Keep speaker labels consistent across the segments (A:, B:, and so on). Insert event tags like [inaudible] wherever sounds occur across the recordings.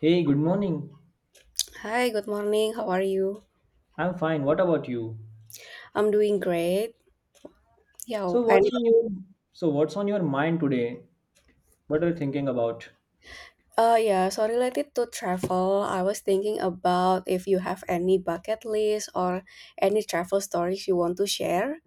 A: Hey, good morning.
B: Hi, good morning. How are you?
A: I'm fine. What about you?
B: I'm doing great. Yeah,
A: So
B: and
A: what's on your so what's on your mind today? What are you thinking about?
B: yeah, so related to travel, I was thinking about if you have any bucket list or any travel stories you want to share.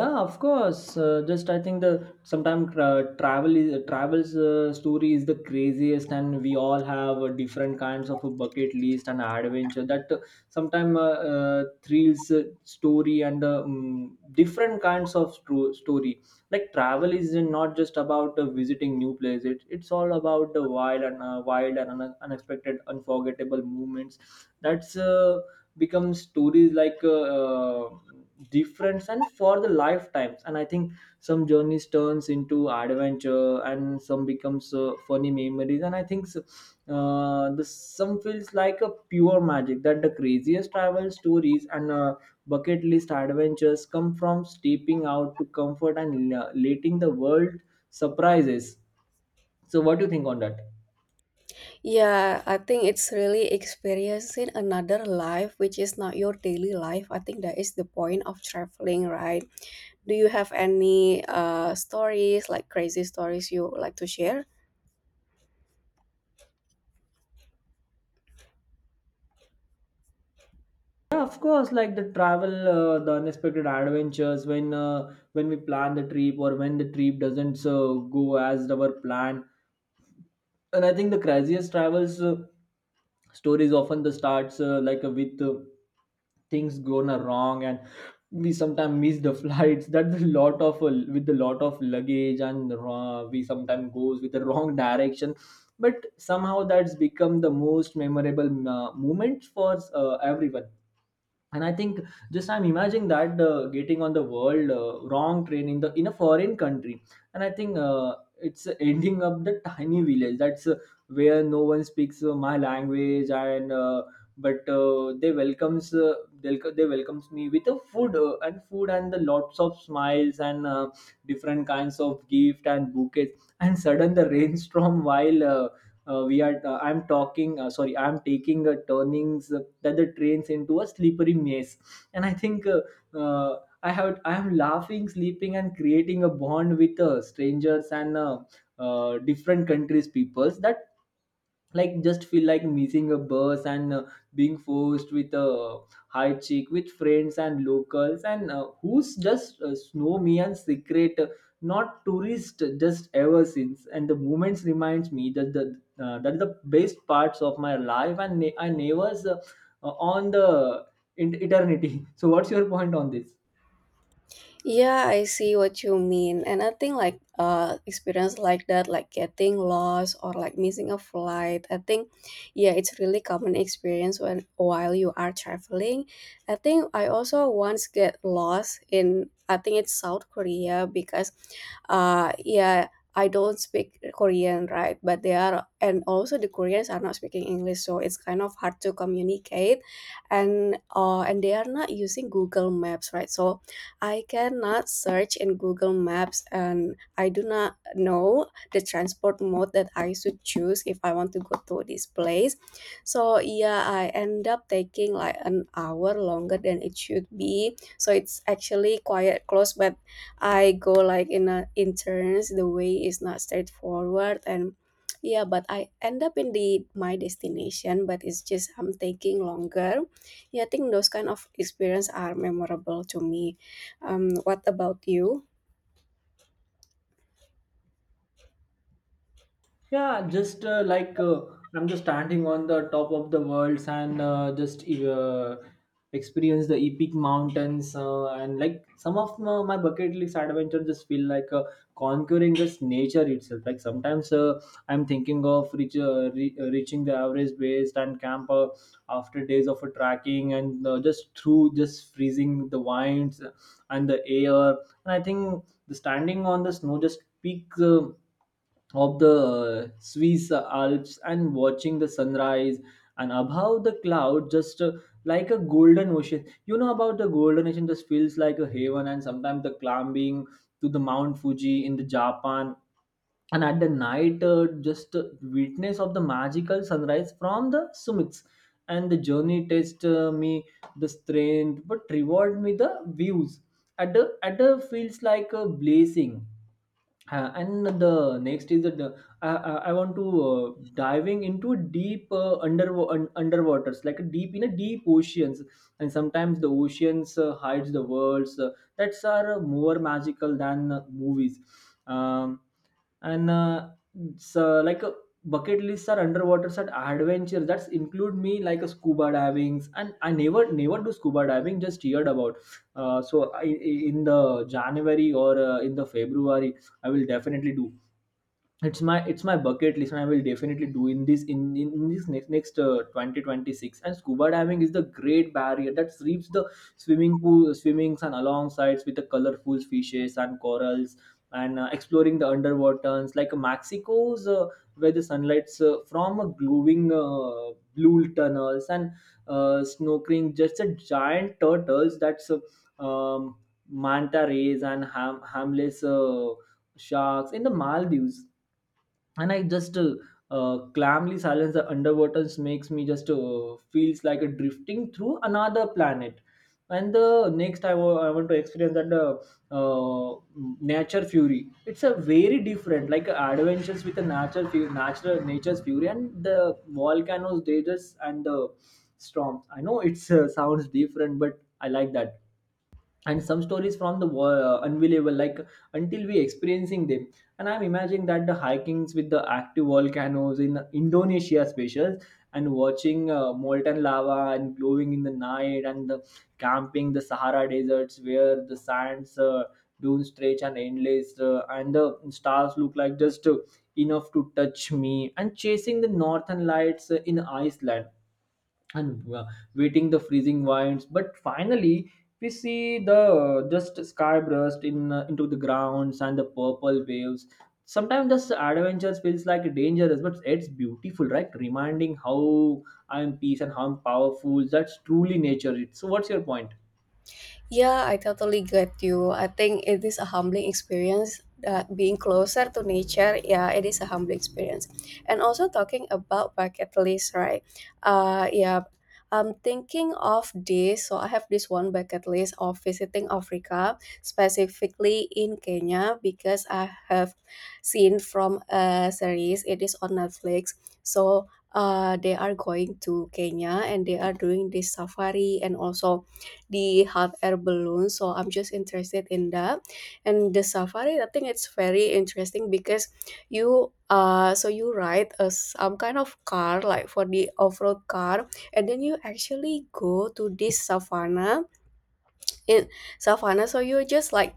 A: Yeah, of course. Just I think the sometimes, travel is, travels, story is the craziest, and we all have different kinds of a bucket list and adventure that sometimes, thrills, story, and different kinds of story. Like travel is not just about visiting new places. It's all about the wild, and wild and unexpected, unforgettable moments. That's become stories like different, and for the lifetimes. And I think some journeys turns into adventure, and some becomes funny memories. And I think so, the some feels like a pure magic, that the craziest travel stories and bucket list adventures come from stepping out to comfort, and letting the world surprises. So what do you think on that?
B: Yeah, I think it's really experiencing another life which is not your daily life. I think that is the point of traveling, right? Do you have any stories like crazy stories you like to share?
A: Yeah, of course, like the travel, the unexpected adventures when we plan the trip, or when the trip doesn't go as our plan. And I think the craziest travels, stories often the starts, like with things going wrong. And we sometimes miss the [laughs] flights, that's a lot of, with a lot of luggage, and we sometimes goes with the wrong [laughs] direction, but somehow that's become the most memorable moments for everyone. And I think just I'm imagining that getting on the world wrong train in the in a foreign country, and I think it's ending up the tiny village that's, where no one speaks my language, and but they welcomes me with a food, and food and the lots of smiles, and different kinds of gift and bouquets, and sudden the [laughs] rainstorm while we are I'm talking sorry I'm taking a turnings, that the trains into a slippery maze. And I think I am laughing sleeping and creating a bond with strangers, and different countries peoples, that like just feel like missing a bus, and being forced with a high cheek with friends and locals, and who's just snow me, and secret, not tourist, just ever since. And the moments reminds me that the, that the best parts of my life, and I never on the eternity. [laughs] So what's your point on this?
B: Yeah, I see what you mean. And I think like experience like that, like getting lost or like missing a flight, I think yeah, it's really common experience when while you are traveling. I think I also once get lost in I think it's South Korea because yeah, I don't speak Korean, right? But they are, and also the Koreans are not speaking English, so it's kind of hard to communicate, and and they are not using Google Maps, right? So I cannot search in Google Maps and I do not know the transport mode that I should choose if I want to go to this place. So yeah, I end up taking like an hour longer than it should be. So it's actually quite close, but I go like in a in turns. The way is not straightforward, and yeah, but I end up in the my destination, but it's just I'm taking longer. Yeah, I think those kind of experience are memorable to me. What about you?
A: Yeah, just I'm just standing on the top of the worlds, and just experience the epic mountains, and like some of my bucket list adventure just feel like conquering just nature itself. Like sometimes I'm thinking of reaching the average base and camp, after days of trekking, and just through just freezing the winds and the air. And I think the standing on the snow just peak of the Swiss Alps, and watching the sunrise and above the cloud just like a golden ocean. You know about the golden ocean just feels like a heaven. And sometimes the climbing to the Mount Fuji in the Japan, and at the night, just witness of the magical sunrise from the summits, and the journey test me the strength but reward me the views, at the feels like a blessing. And the next is that the, I want to diving into deep underwaters, like deep in a deep oceans. And sometimes the oceans hides the worlds that's are more magical than movies. Um, and uh, so like a bucket lists are underwater such adventure, that include me like a scuba diving, and I never do scuba diving, just heard about, so I, in the January or in the February I will definitely do. It's my, it's my bucket list, and I will definitely do in this next 2026. And scuba diving is the great barrier, that sweeps the swimming pool swimmings, and alongside with the colorful fishes and corals, and exploring the underwaters like Mexico's, where the sunlight's from a glowing blue tunnels, and snorkeling just a giant turtles, that's, manta rays, and harmless sharks in the Maldives. And I just calmly silence the underwaters makes me just feels like a drifting through another planet. And the next I want to experience that nature fury. It's a very different like adventures with the natural fu- natural nature's fury, and the volcanoes, dangers, and the storms. I know it sounds different, but I like that. And some stories from the unbelievable, like until we experiencing them. And I'm imagining that the hikings with the active volcanoes in Indonesia specials, and watching molten lava and glowing in the night, and the camping the Sahara deserts where the sands, dunes stretch and endless, and the stars look like just enough to touch me, and chasing the northern lights in Iceland, and waiting the freezing winds, but finally we see the just sky burst in into the grounds and the purple waves. Sometimes this adventure feels like dangerous, but it's beautiful, right? Reminding how I am peace and how I'm powerful, that's truly nature. So what's your point?
B: Yeah, I totally get you. I think it is a humbling experience that being closer to nature, yeah, it is a humbling experience. And also talking about bucket list, right? Yeah, I'm thinking of this. So I have this one bucket list of visiting Africa, specifically in Kenya, because I have seen from a series. It is on Netflix. So they are going to Kenya and they are doing this safari and also the hot air balloon. So I'm just interested in that. And the safari, I think it's very interesting because you so you ride a some kind of car like for the off-road car, and then you actually go to this savannah in savannah. So you just like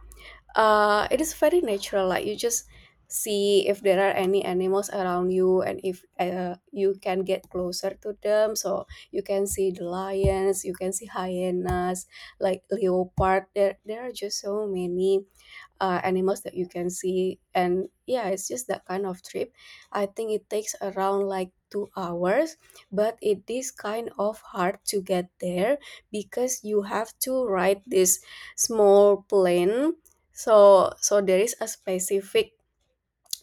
B: it is very natural, like you just see if there are any animals around you, and if you can get closer to them. So you can see the lions, you can see hyenas, like leopard, there are just so many animals that you can see. And yeah, it's just that kind of trip. I think it takes around like 2 hours, but it is kind of hard to get there because you have to ride this small plane. So there is a specific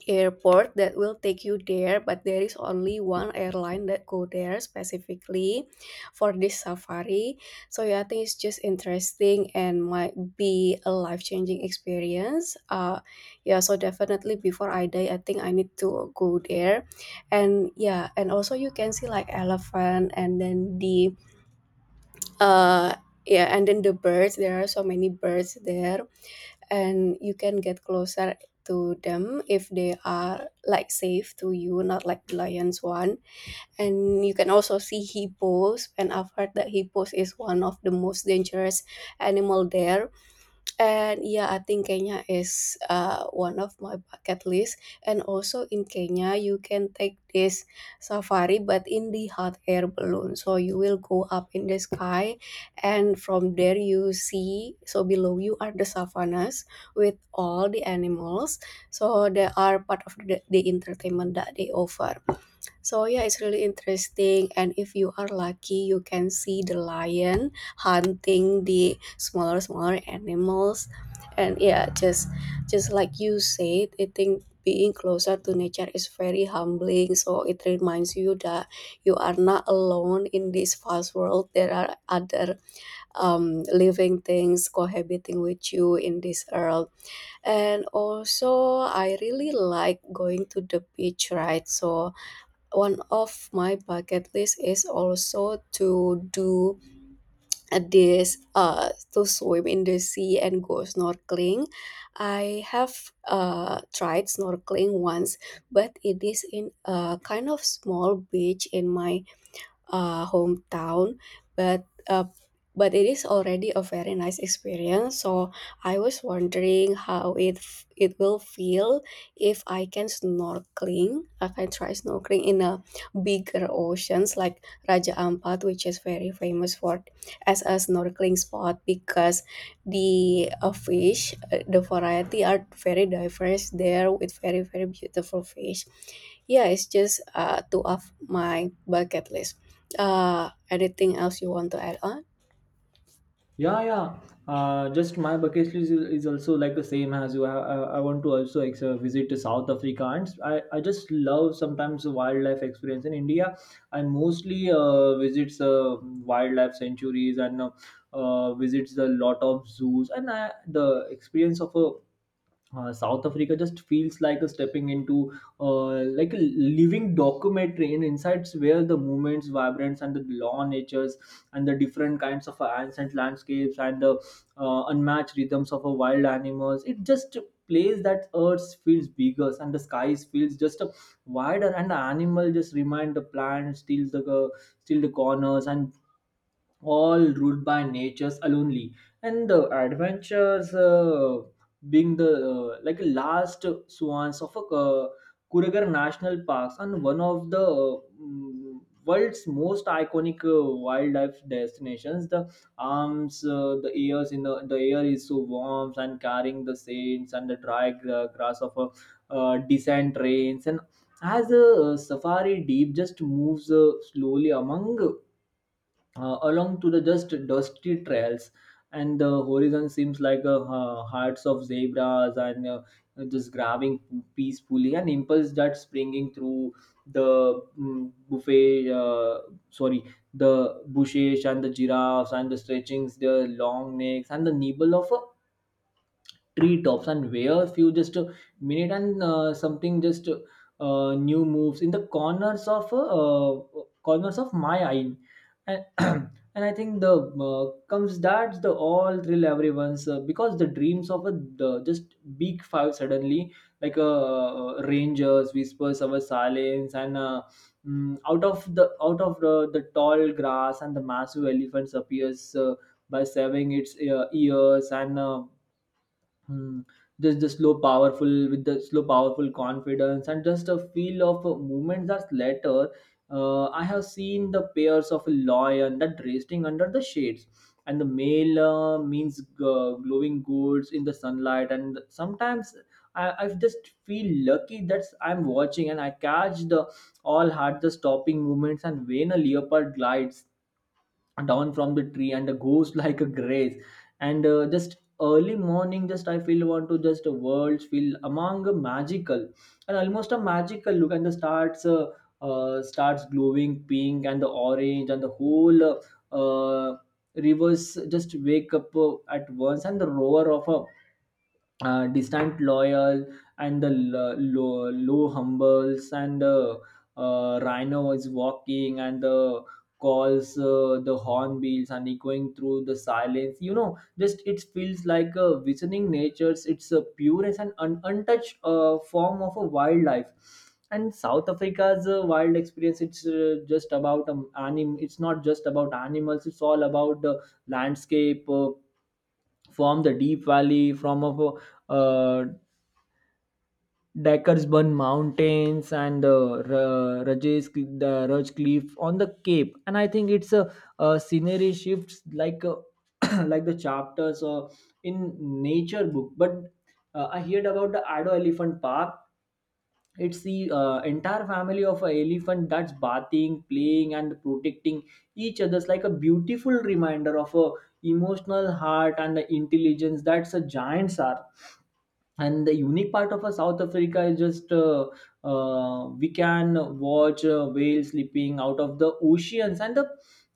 B: airport that will take you there, but there is only one airline that go there specifically for this safari. So yeah, I think it's just interesting and might be a life-changing experience. Yeah, so definitely before I die, I think I need to go there. And yeah, and also you can see like elephant, and then the uh yeah, and then the birds, there are so many birds there, and you can get closer to them if they are like safe to you, not like the lions one. And you can also see hippos, and I've heard that hippos is one of the most dangerous animal there. And yeah, I think Kenya is one of my bucket list. And also in Kenya, you can take this safari, but in the hot air balloon. So you will go up in the sky, and from there you see. So below you are the savannas with all the animals. So they are part of the entertainment that they offer. So yeah, it's really interesting. And if you are lucky, you can see the lion hunting the smaller animals. And yeah, just like you said, I think being closer to nature is very humbling. So it reminds you that you are not alone in this vast world. There are other living things cohabiting with you in this earth. And also, I really like going to the beach, right? So one of my bucket list is also to do this to swim in the sea and go snorkeling. I have tried snorkeling once, but it is in a kind of small beach in my hometown, but uh, but it is already a very nice experience. So I was wondering how it will feel if I can snorkeling, like I can try snorkeling in a bigger oceans like Raja Ampat, which is very famous for as a snorkeling spot because the the variety are very diverse there with very very beautiful fish. Yeah, it's just two of my bucket list. Anything else you want to add on?
A: Yeah, yeah. Just my bucket list is also like the same as you. I want to also visit to South Africa, and I just love sometimes wildlife experience in India. I mostly visits wildlife sanctuaries, and visits a lot of zoos. And I, the experience of a, South Africa just feels like a stepping into, like a living documentary in insights, where the movements, vibrance, and the law natures, and the different kinds of ancient landscapes, and the unmatched rhythms of a wild animals. It just plays that earth feels bigger, and the skies feels just wider, and the animal just remind the plant steals the, steal the corners, and all ruled by nature's only. And the adventures being the like last swans of a, Kuragar National Parks, and one of the world's most iconic wildlife destinations, the arms, the ears in the air is so warm and carrying the saints and the dry grass of a descent rains. And as a, safari deep just moves slowly among, along to the just dusty trails, and the horizon seems like a, hearts of zebras, and just grabbing peacefully, an impulse that's springing through the mm, buffet sorry the bushes, and the giraffes and the stretchings their long necks, and the nibble of a treetops, and where few just minute. And something just new moves in the uh, corners of my eye. And, [clears throat] and I think the comes that's the all thrill everyone's, because the dreams of a, the just big five suddenly like rangers whispers our silence, and out of the tall grass, and the massive elephants appears by serving its ears, and Hmm. Just the slow, powerful confidence, and just a feel of a movement that's later. I have seen the pairs of a lion that resting under the shades, and the male means glowing golds in the sunlight. And sometimes I just feel lucky that I'm watching and I catch the all had the stopping movements. And when a leopard glides down from the tree and a ghost [laughs] like a grace and just early morning, just I feel want to just the world feel among a magical and almost a magical look. And the starts starts glowing pink and the orange. And the whole rivers just wake up at once, and the roar of a distant loyal and the low, low humbles and rhino is walking, and the calls the hornbills and echoing through the silence. Just it feels like a visiting nature's, it's a purest and untouched form of a wildlife. And South Africa's wild experience, it's just about anim it's not just about animals, it's all about the landscape. From the deep valley, from a uh, Dackersburn Mountains and the Rajes, the Raj Cliff on the Cape. And I think it's a scenery shifts like a, [coughs] [clears throat] like the chapters in nature book. But I heard about the Ado Elephant Park. It's the entire family of an elephant that's bathing, playing, and protecting each other's like a beautiful reminder of a emotional heart and the intelligence that's a giants are. And the unique part of a South Africa is just we can watch whales slipping out of the oceans, and the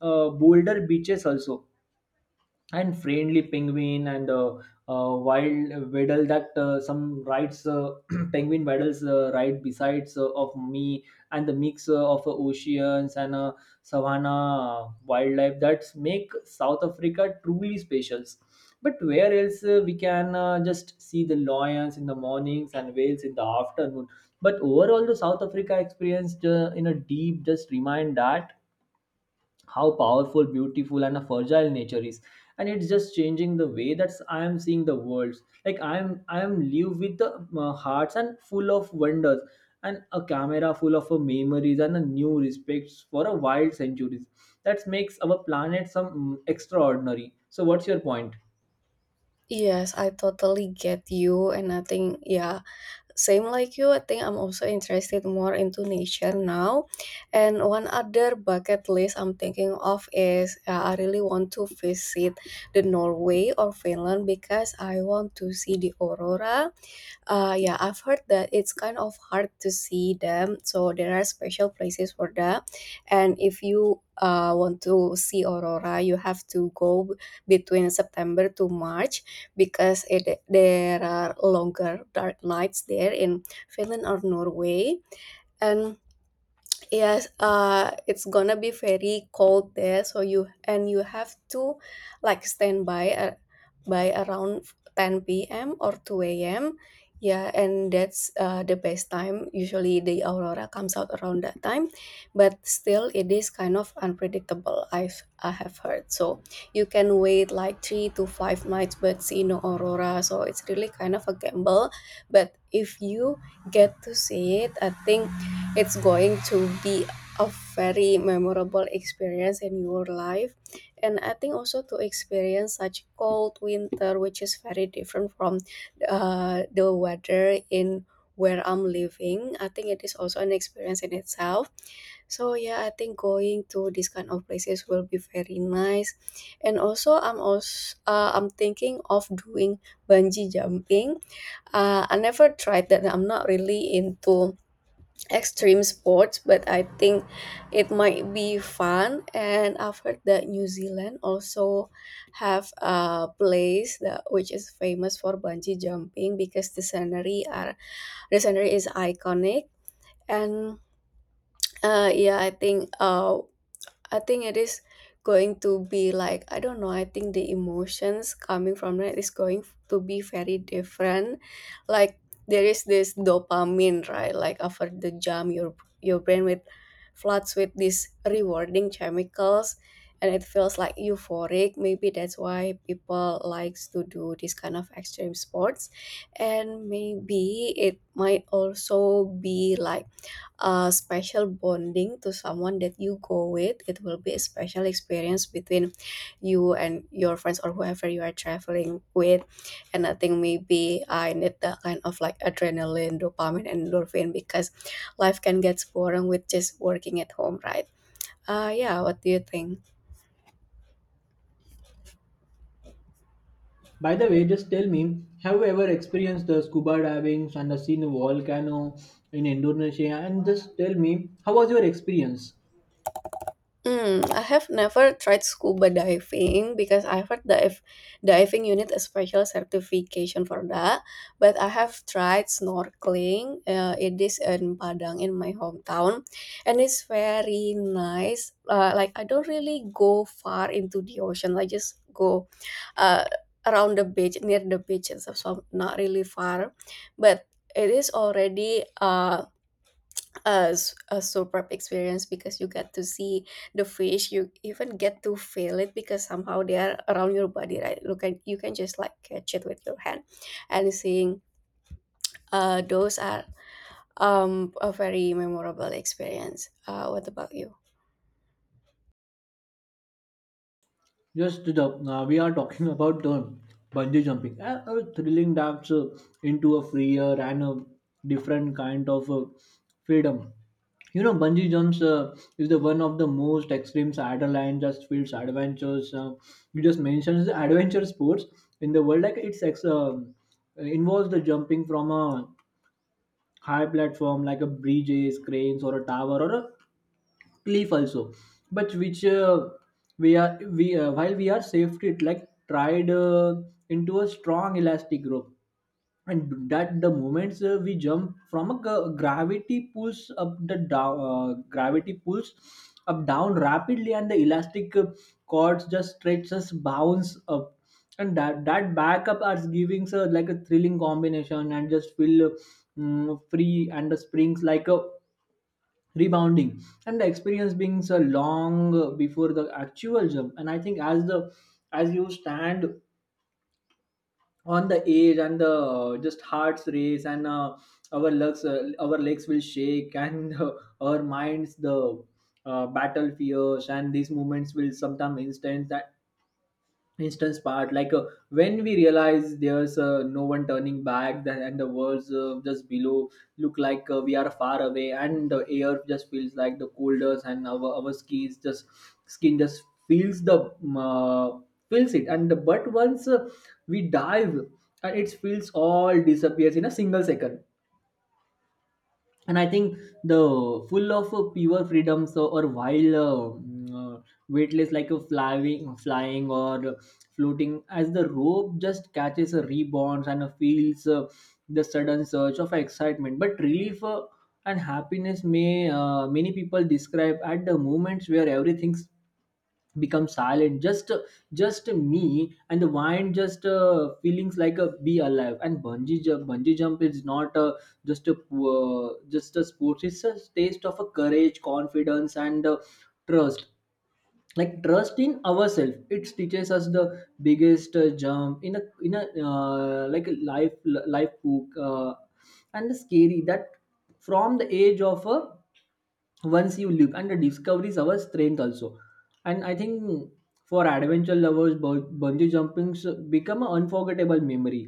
A: boulder beaches also, and friendly penguin and wild waddle that some rides [clears throat] penguin waddles right besides of me. And the mix of oceans and savanna wildlife that make South Africa truly special. But where else we can just see the lions in the mornings and whales in the afternoon. But overall the South Africa experience in a deep just remind that how powerful, beautiful, and a fragile nature is. And it's just changing the way that I am seeing the world, like I am live with the hearts and full of wonders, and a camera full of memories and a new respects for a wild centuries that makes our planet some extraordinary. So what's your point?
B: Yes, I totally get you, and I think yeah, same like you. I think I'm also interested more into nature now, and one other bucket list I'm thinking of is I really want to visit the Norway or Finland because I want to see the aurora. Yeah, I've heard that it's kind of hard to see them, so there are special places for that. And if you want to see aurora, you have to go between September to March because there are longer dark nights there in Finland or Norway. And yes, it's gonna be very cold there, so you have to like stand by around 10 p.m. or 2 a.m. Yeah, and that's the best time. Usually the aurora comes out around that time, but still it is kind of unpredictable. I have heard. So you can wait like three to five nights but see no aurora. So it's really kind of a gamble. But if you get to see it, I think it's going to be a very memorable experience in your life. And I think also to experience such cold winter, which is very different from the weather in where I'm living, I think it is also an experience in itself. So yeah, I think going to these kind of places will be very nice. And also, I'm thinking of doing bungee jumping. I never tried that. I'm not really into extreme sports, but I think it might be fun. And I've heard that New Zealand also have a place that which is famous for bungee jumping because the scenery is iconic. And uh, yeah, I think uh, I think it is going to be like I don't know. I think the emotions coming from that is going to be very different. Like there is this dopamine, right? Like after the jump, your brain with floods with these rewarding chemicals, and it feels like euphoric. Maybe that's why people likes to do this kind of extreme sports, and maybe it might also be like a special bonding to someone that you go with. It will be a special experience between you and your friends or whoever you are traveling with. And I think maybe I need that kind of like adrenaline, dopamine, and endorphin because life can get boring with just working at home, right? Yeah, what do you think?
A: By the way, just tell me, have you ever experienced the scuba diving and seen a volcano in Indonesia? And just tell me, how was your experience?
B: Hmm, I have never tried scuba diving because I heard that if diving you need a special certification for that. But I have tried snorkeling. It is in Padang in my hometown, and it's very nice. Like I don't really go far into the ocean. I just go uh, around the beach, near the beach and stuff. So I'm not really far, but it is already a superb experience because you get to see the fish, you even get to feel it because somehow they are around your body, right? Look at, you can just like catch it with your hand. And seeing those are a very memorable experience. Uh, what about you?
A: Yes, Siddharth, we are talking [laughs] about bungee jumping, a thrilling dive into a freer and a different kind of freedom. You know, bungee jumps is the one of the most extreme adrenaline just feels adventures. You just mentioned the adventure sports in the world. Like it's involves the jumping from a high platform like a bridges, cranes, or a tower or a cliff also. But which we are we while we are safety it like tried into a strong elastic rope. And that the moments we jump from a gravity pulls up the down, gravity pulls up down rapidly, and the elastic cords just stretches bounce up. And that backup are giving like a thrilling combination and just feel free and the springs like a rebounding. And the experience being so long before the actual jump. And I think as the as you stand on the edge and the just hearts race and our legs will shake [laughs] and our minds the battle fears. And these moments will sometimes instant that instance part like when we realize there's no one turning back then, and the words just below look like we are far away, and the air just feels like the coldest, and our skis just skin just feels the feels it. And but once we dive, it feels all disappears in a single second. And I think the full of pure freedom, so or wild mm, uh, weightless like a flying or floating as the rope just catches a rebound and feels the sudden surge of excitement but relief and happiness. May many people describe at the moments where everything's become silent, just me and the wine just feelings like a be alive. And bungee jump is not a, just a just a sport, it's a taste of a courage, confidence, and trust, like trust in ourselves. It teaches us the biggest jump in a like a life life book and the scary that from the age of a once you live, and the discovery is our strength also. And I think for adventure lovers bungee jumping should become an unforgettable memory,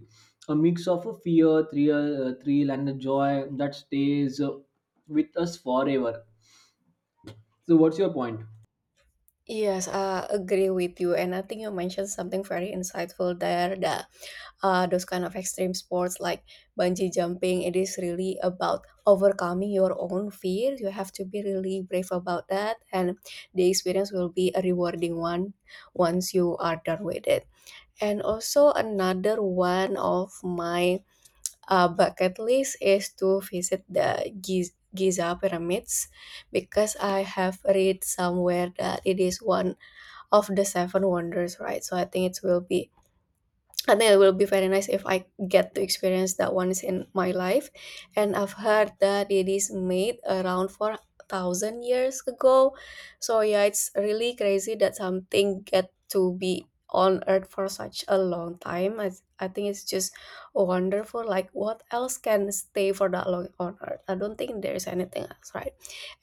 A: a mix of a fear thrill, thrill and the joy that stays with us forever. So what's your point?
B: Yes, I agree with you, and I think you mentioned something very insightful there. That those kind of extreme sports like bungee jumping, it is really about overcoming your own fear. You have to be really brave about that, and the experience will be a rewarding one once you are done with it. And also another one of my bucket list is to visit the Giza pyramids because I have read somewhere that it is one of the seven wonders, right? So I think it will be very nice if I get to experience that once in my life. And I've heard that it is made around 4,000 years ago. So, yeah, it's really crazy that something get to be on Earth for such a long time. I think it's just wonderful. Like, what else can stay for that long on Earth? I don't think there's anything else, right?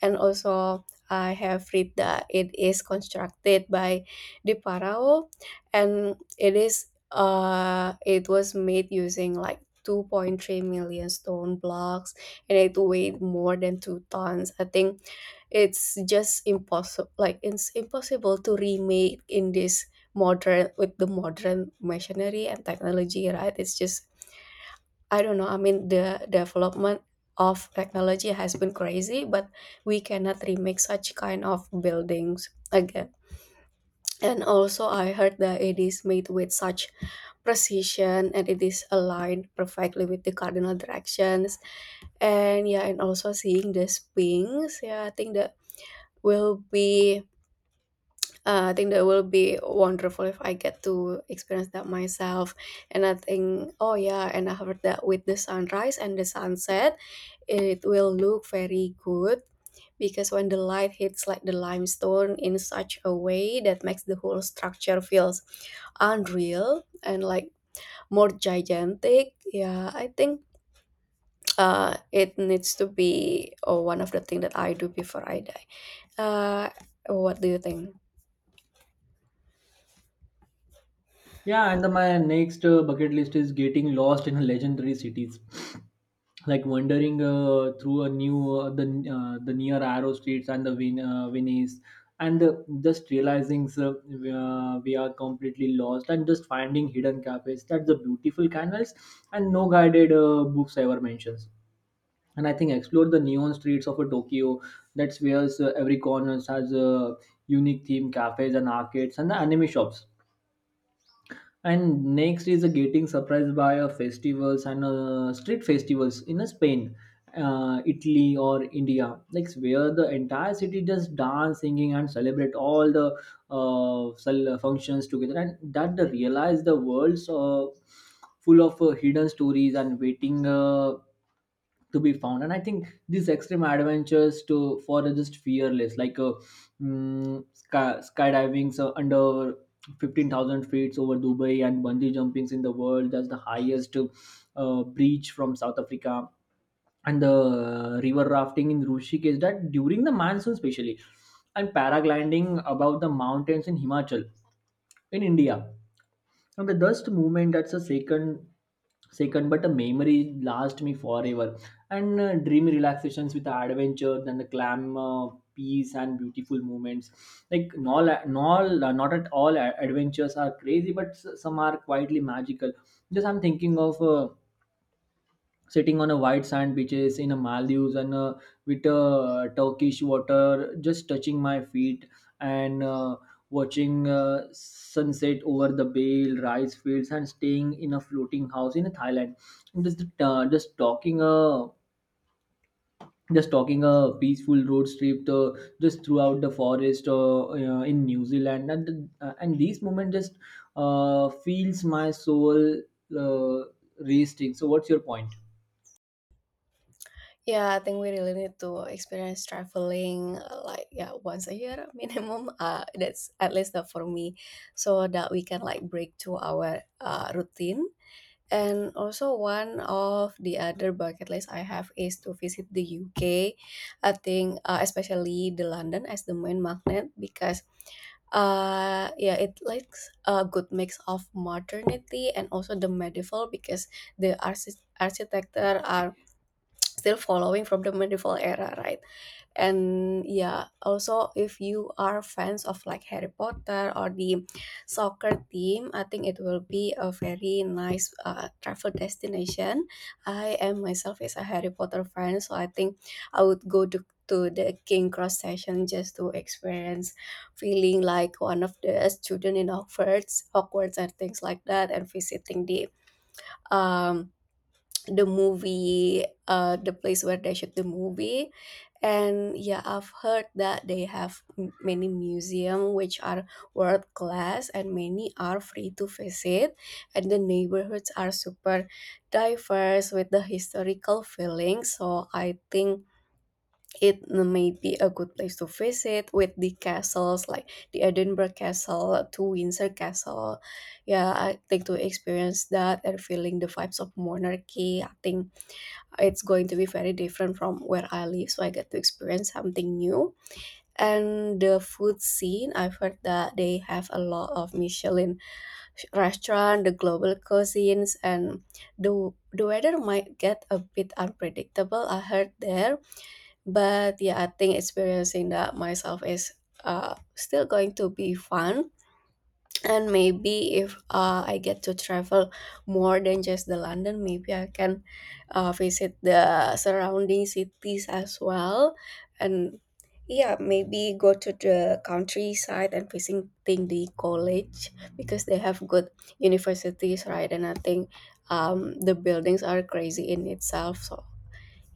B: And also, I have read that it is constructed by the Pharaoh and it is it was made using like 2.3 million stone blocks and it weighed more than two tons. I think it's just impossible, like it's impossible to remake in this modern with the modern machinery and technology, right? It's just, I don't know. I mean, the development of technology has been crazy, but we cannot remake such kind of buildings again. And also I heard the it is made with such precision and it is aligned perfectly with the cardinal directions. And yeah, and also seeing the swings, yeah, I think that will be, I think that will be wonderful if I get to experience that myself. And I think, oh yeah, and I heard that with the sunrise and the sunset it will look very good, because when the light hits like the limestone in such a way that makes the whole structure feels unreal and like more gigantic. Yeah, I think it needs to be one of the things that I do before I die. Uh, what do you think?
A: Yeah, and the, my next bucket list is getting lost in legendary cities, like wandering through a new the near Arrow streets and the Venice, and just realizing we are completely lost, and just finding hidden cafes. That's the beautiful canvas, and no guided books ever mentions. And I think explore the neon streets of Tokyo. That's where every corner has a unique theme, cafes and arcades, and the anime shops. And next is getting surprised by a festivals and street festivals in Spain, Italy, or India, like where the entire city just dance singing and celebrate all the functions together. And that they realize the world's full of hidden stories and waiting to be found. And I think these extreme adventures to for the just fearless like skydiving so under 15,000 feet over Dubai, and bungee jumpings in the world that's the highest breach from South Africa, and the river rafting in Rishikesh that during the monsoon especially, and paragliding about the mountains in Himachal in India. And the dust movement that's a second but a memory last me forever. And dream relaxations with the adventure, and the clam peace and beautiful moments. Like not at all adventures are crazy, but some are quietly magical. Just I'm thinking of sitting on a white sand beaches in a Maldives, and with Turkish water just touching my feet, and watching sunset over the bale rice fields, and staying in a floating house in Thailand. And just talking a peaceful road trip just throughout the forest in New Zealand. And and these moments just feels my soul uh, resting. So what's your point?
B: Yeah, I think we really need to experience traveling like, yeah, once a year [laughs] minimum. That's at least that for me, so that we can like break to our routine. And also one of the other bucket list I have is to visit the UK. I think especially the London as the main magnet, because uh, yeah, it likes a good mix of modernity and also the medieval, because the architecture are still following from the medieval era, right? And yeah, also if you are fans of like Harry Potter or the soccer team, I think it will be a very nice travel destination. I am myself is a Harry Potter fan, so I think I would go to the King Cross session just to experience feeling like one of the student in Hogwarts and things like that, and visiting um the movie, uh, the place where they shoot the movie. And yeah, I've heard that they have many museum which are world class and many are free to visit, and the neighborhoods are super diverse with the historical feeling, so I think it may be a good place to visit with the castles like the Edinburgh Castle to Windsor Castle. Yeah, I think to experience that and feeling the vibes of monarchy, I think it's going to be very different from where I live. So I get to experience something new. And the food scene, I've heard that they have a lot of Michelin restaurant, the global cuisines, and the weather might get a bit unpredictable, I heard there, but yeah, I think experiencing that myself is still going to be fun. And maybe if I get to travel more than just the London, maybe I can visit the surrounding cities as well, and yeah, maybe go to the countryside and visiting the college, because they have good universities, right? And I think the buildings are crazy in itself. So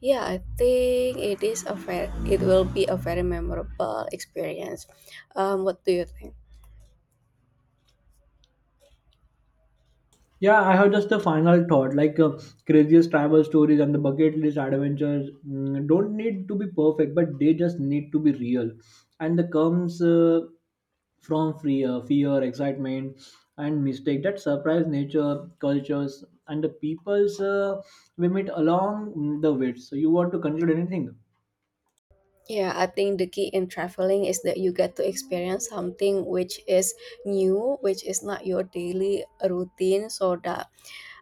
B: yeah, I think it is a very, it will be a very memorable experience. Um, what do you think?
A: Yeah, I have just a final thought. Like craziest travel stories and the bucket list adventures don't need to be perfect, but they just need to be real. And the comes from fear, excitement, and mistake that surprise nature, cultures, and the peoples we meet along the way. So you want to conclude anything?
B: Yeah, I think the key in traveling is that you get to experience something which is new, which is not your daily routine, so that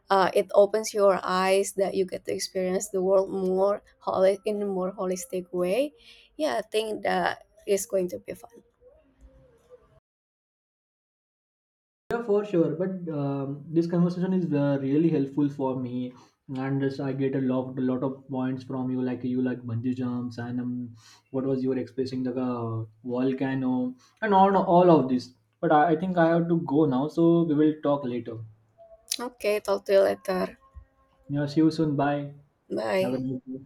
B: it opens your eyes, that you get to experience the world more in a more holistic way. Yeah, I think that is going to be fun.
A: Yeah, for sure. But this conversation is really helpful for me, and just I get a lot of points from you. Like you like bungee jumps, and what was you were expressing the volcano, and all of this. But I think I have to go now, so we will talk later.
B: Okay, talk to you later.
A: Yeah, see you soon. Bye. Have a
B: Bye.
A: good day.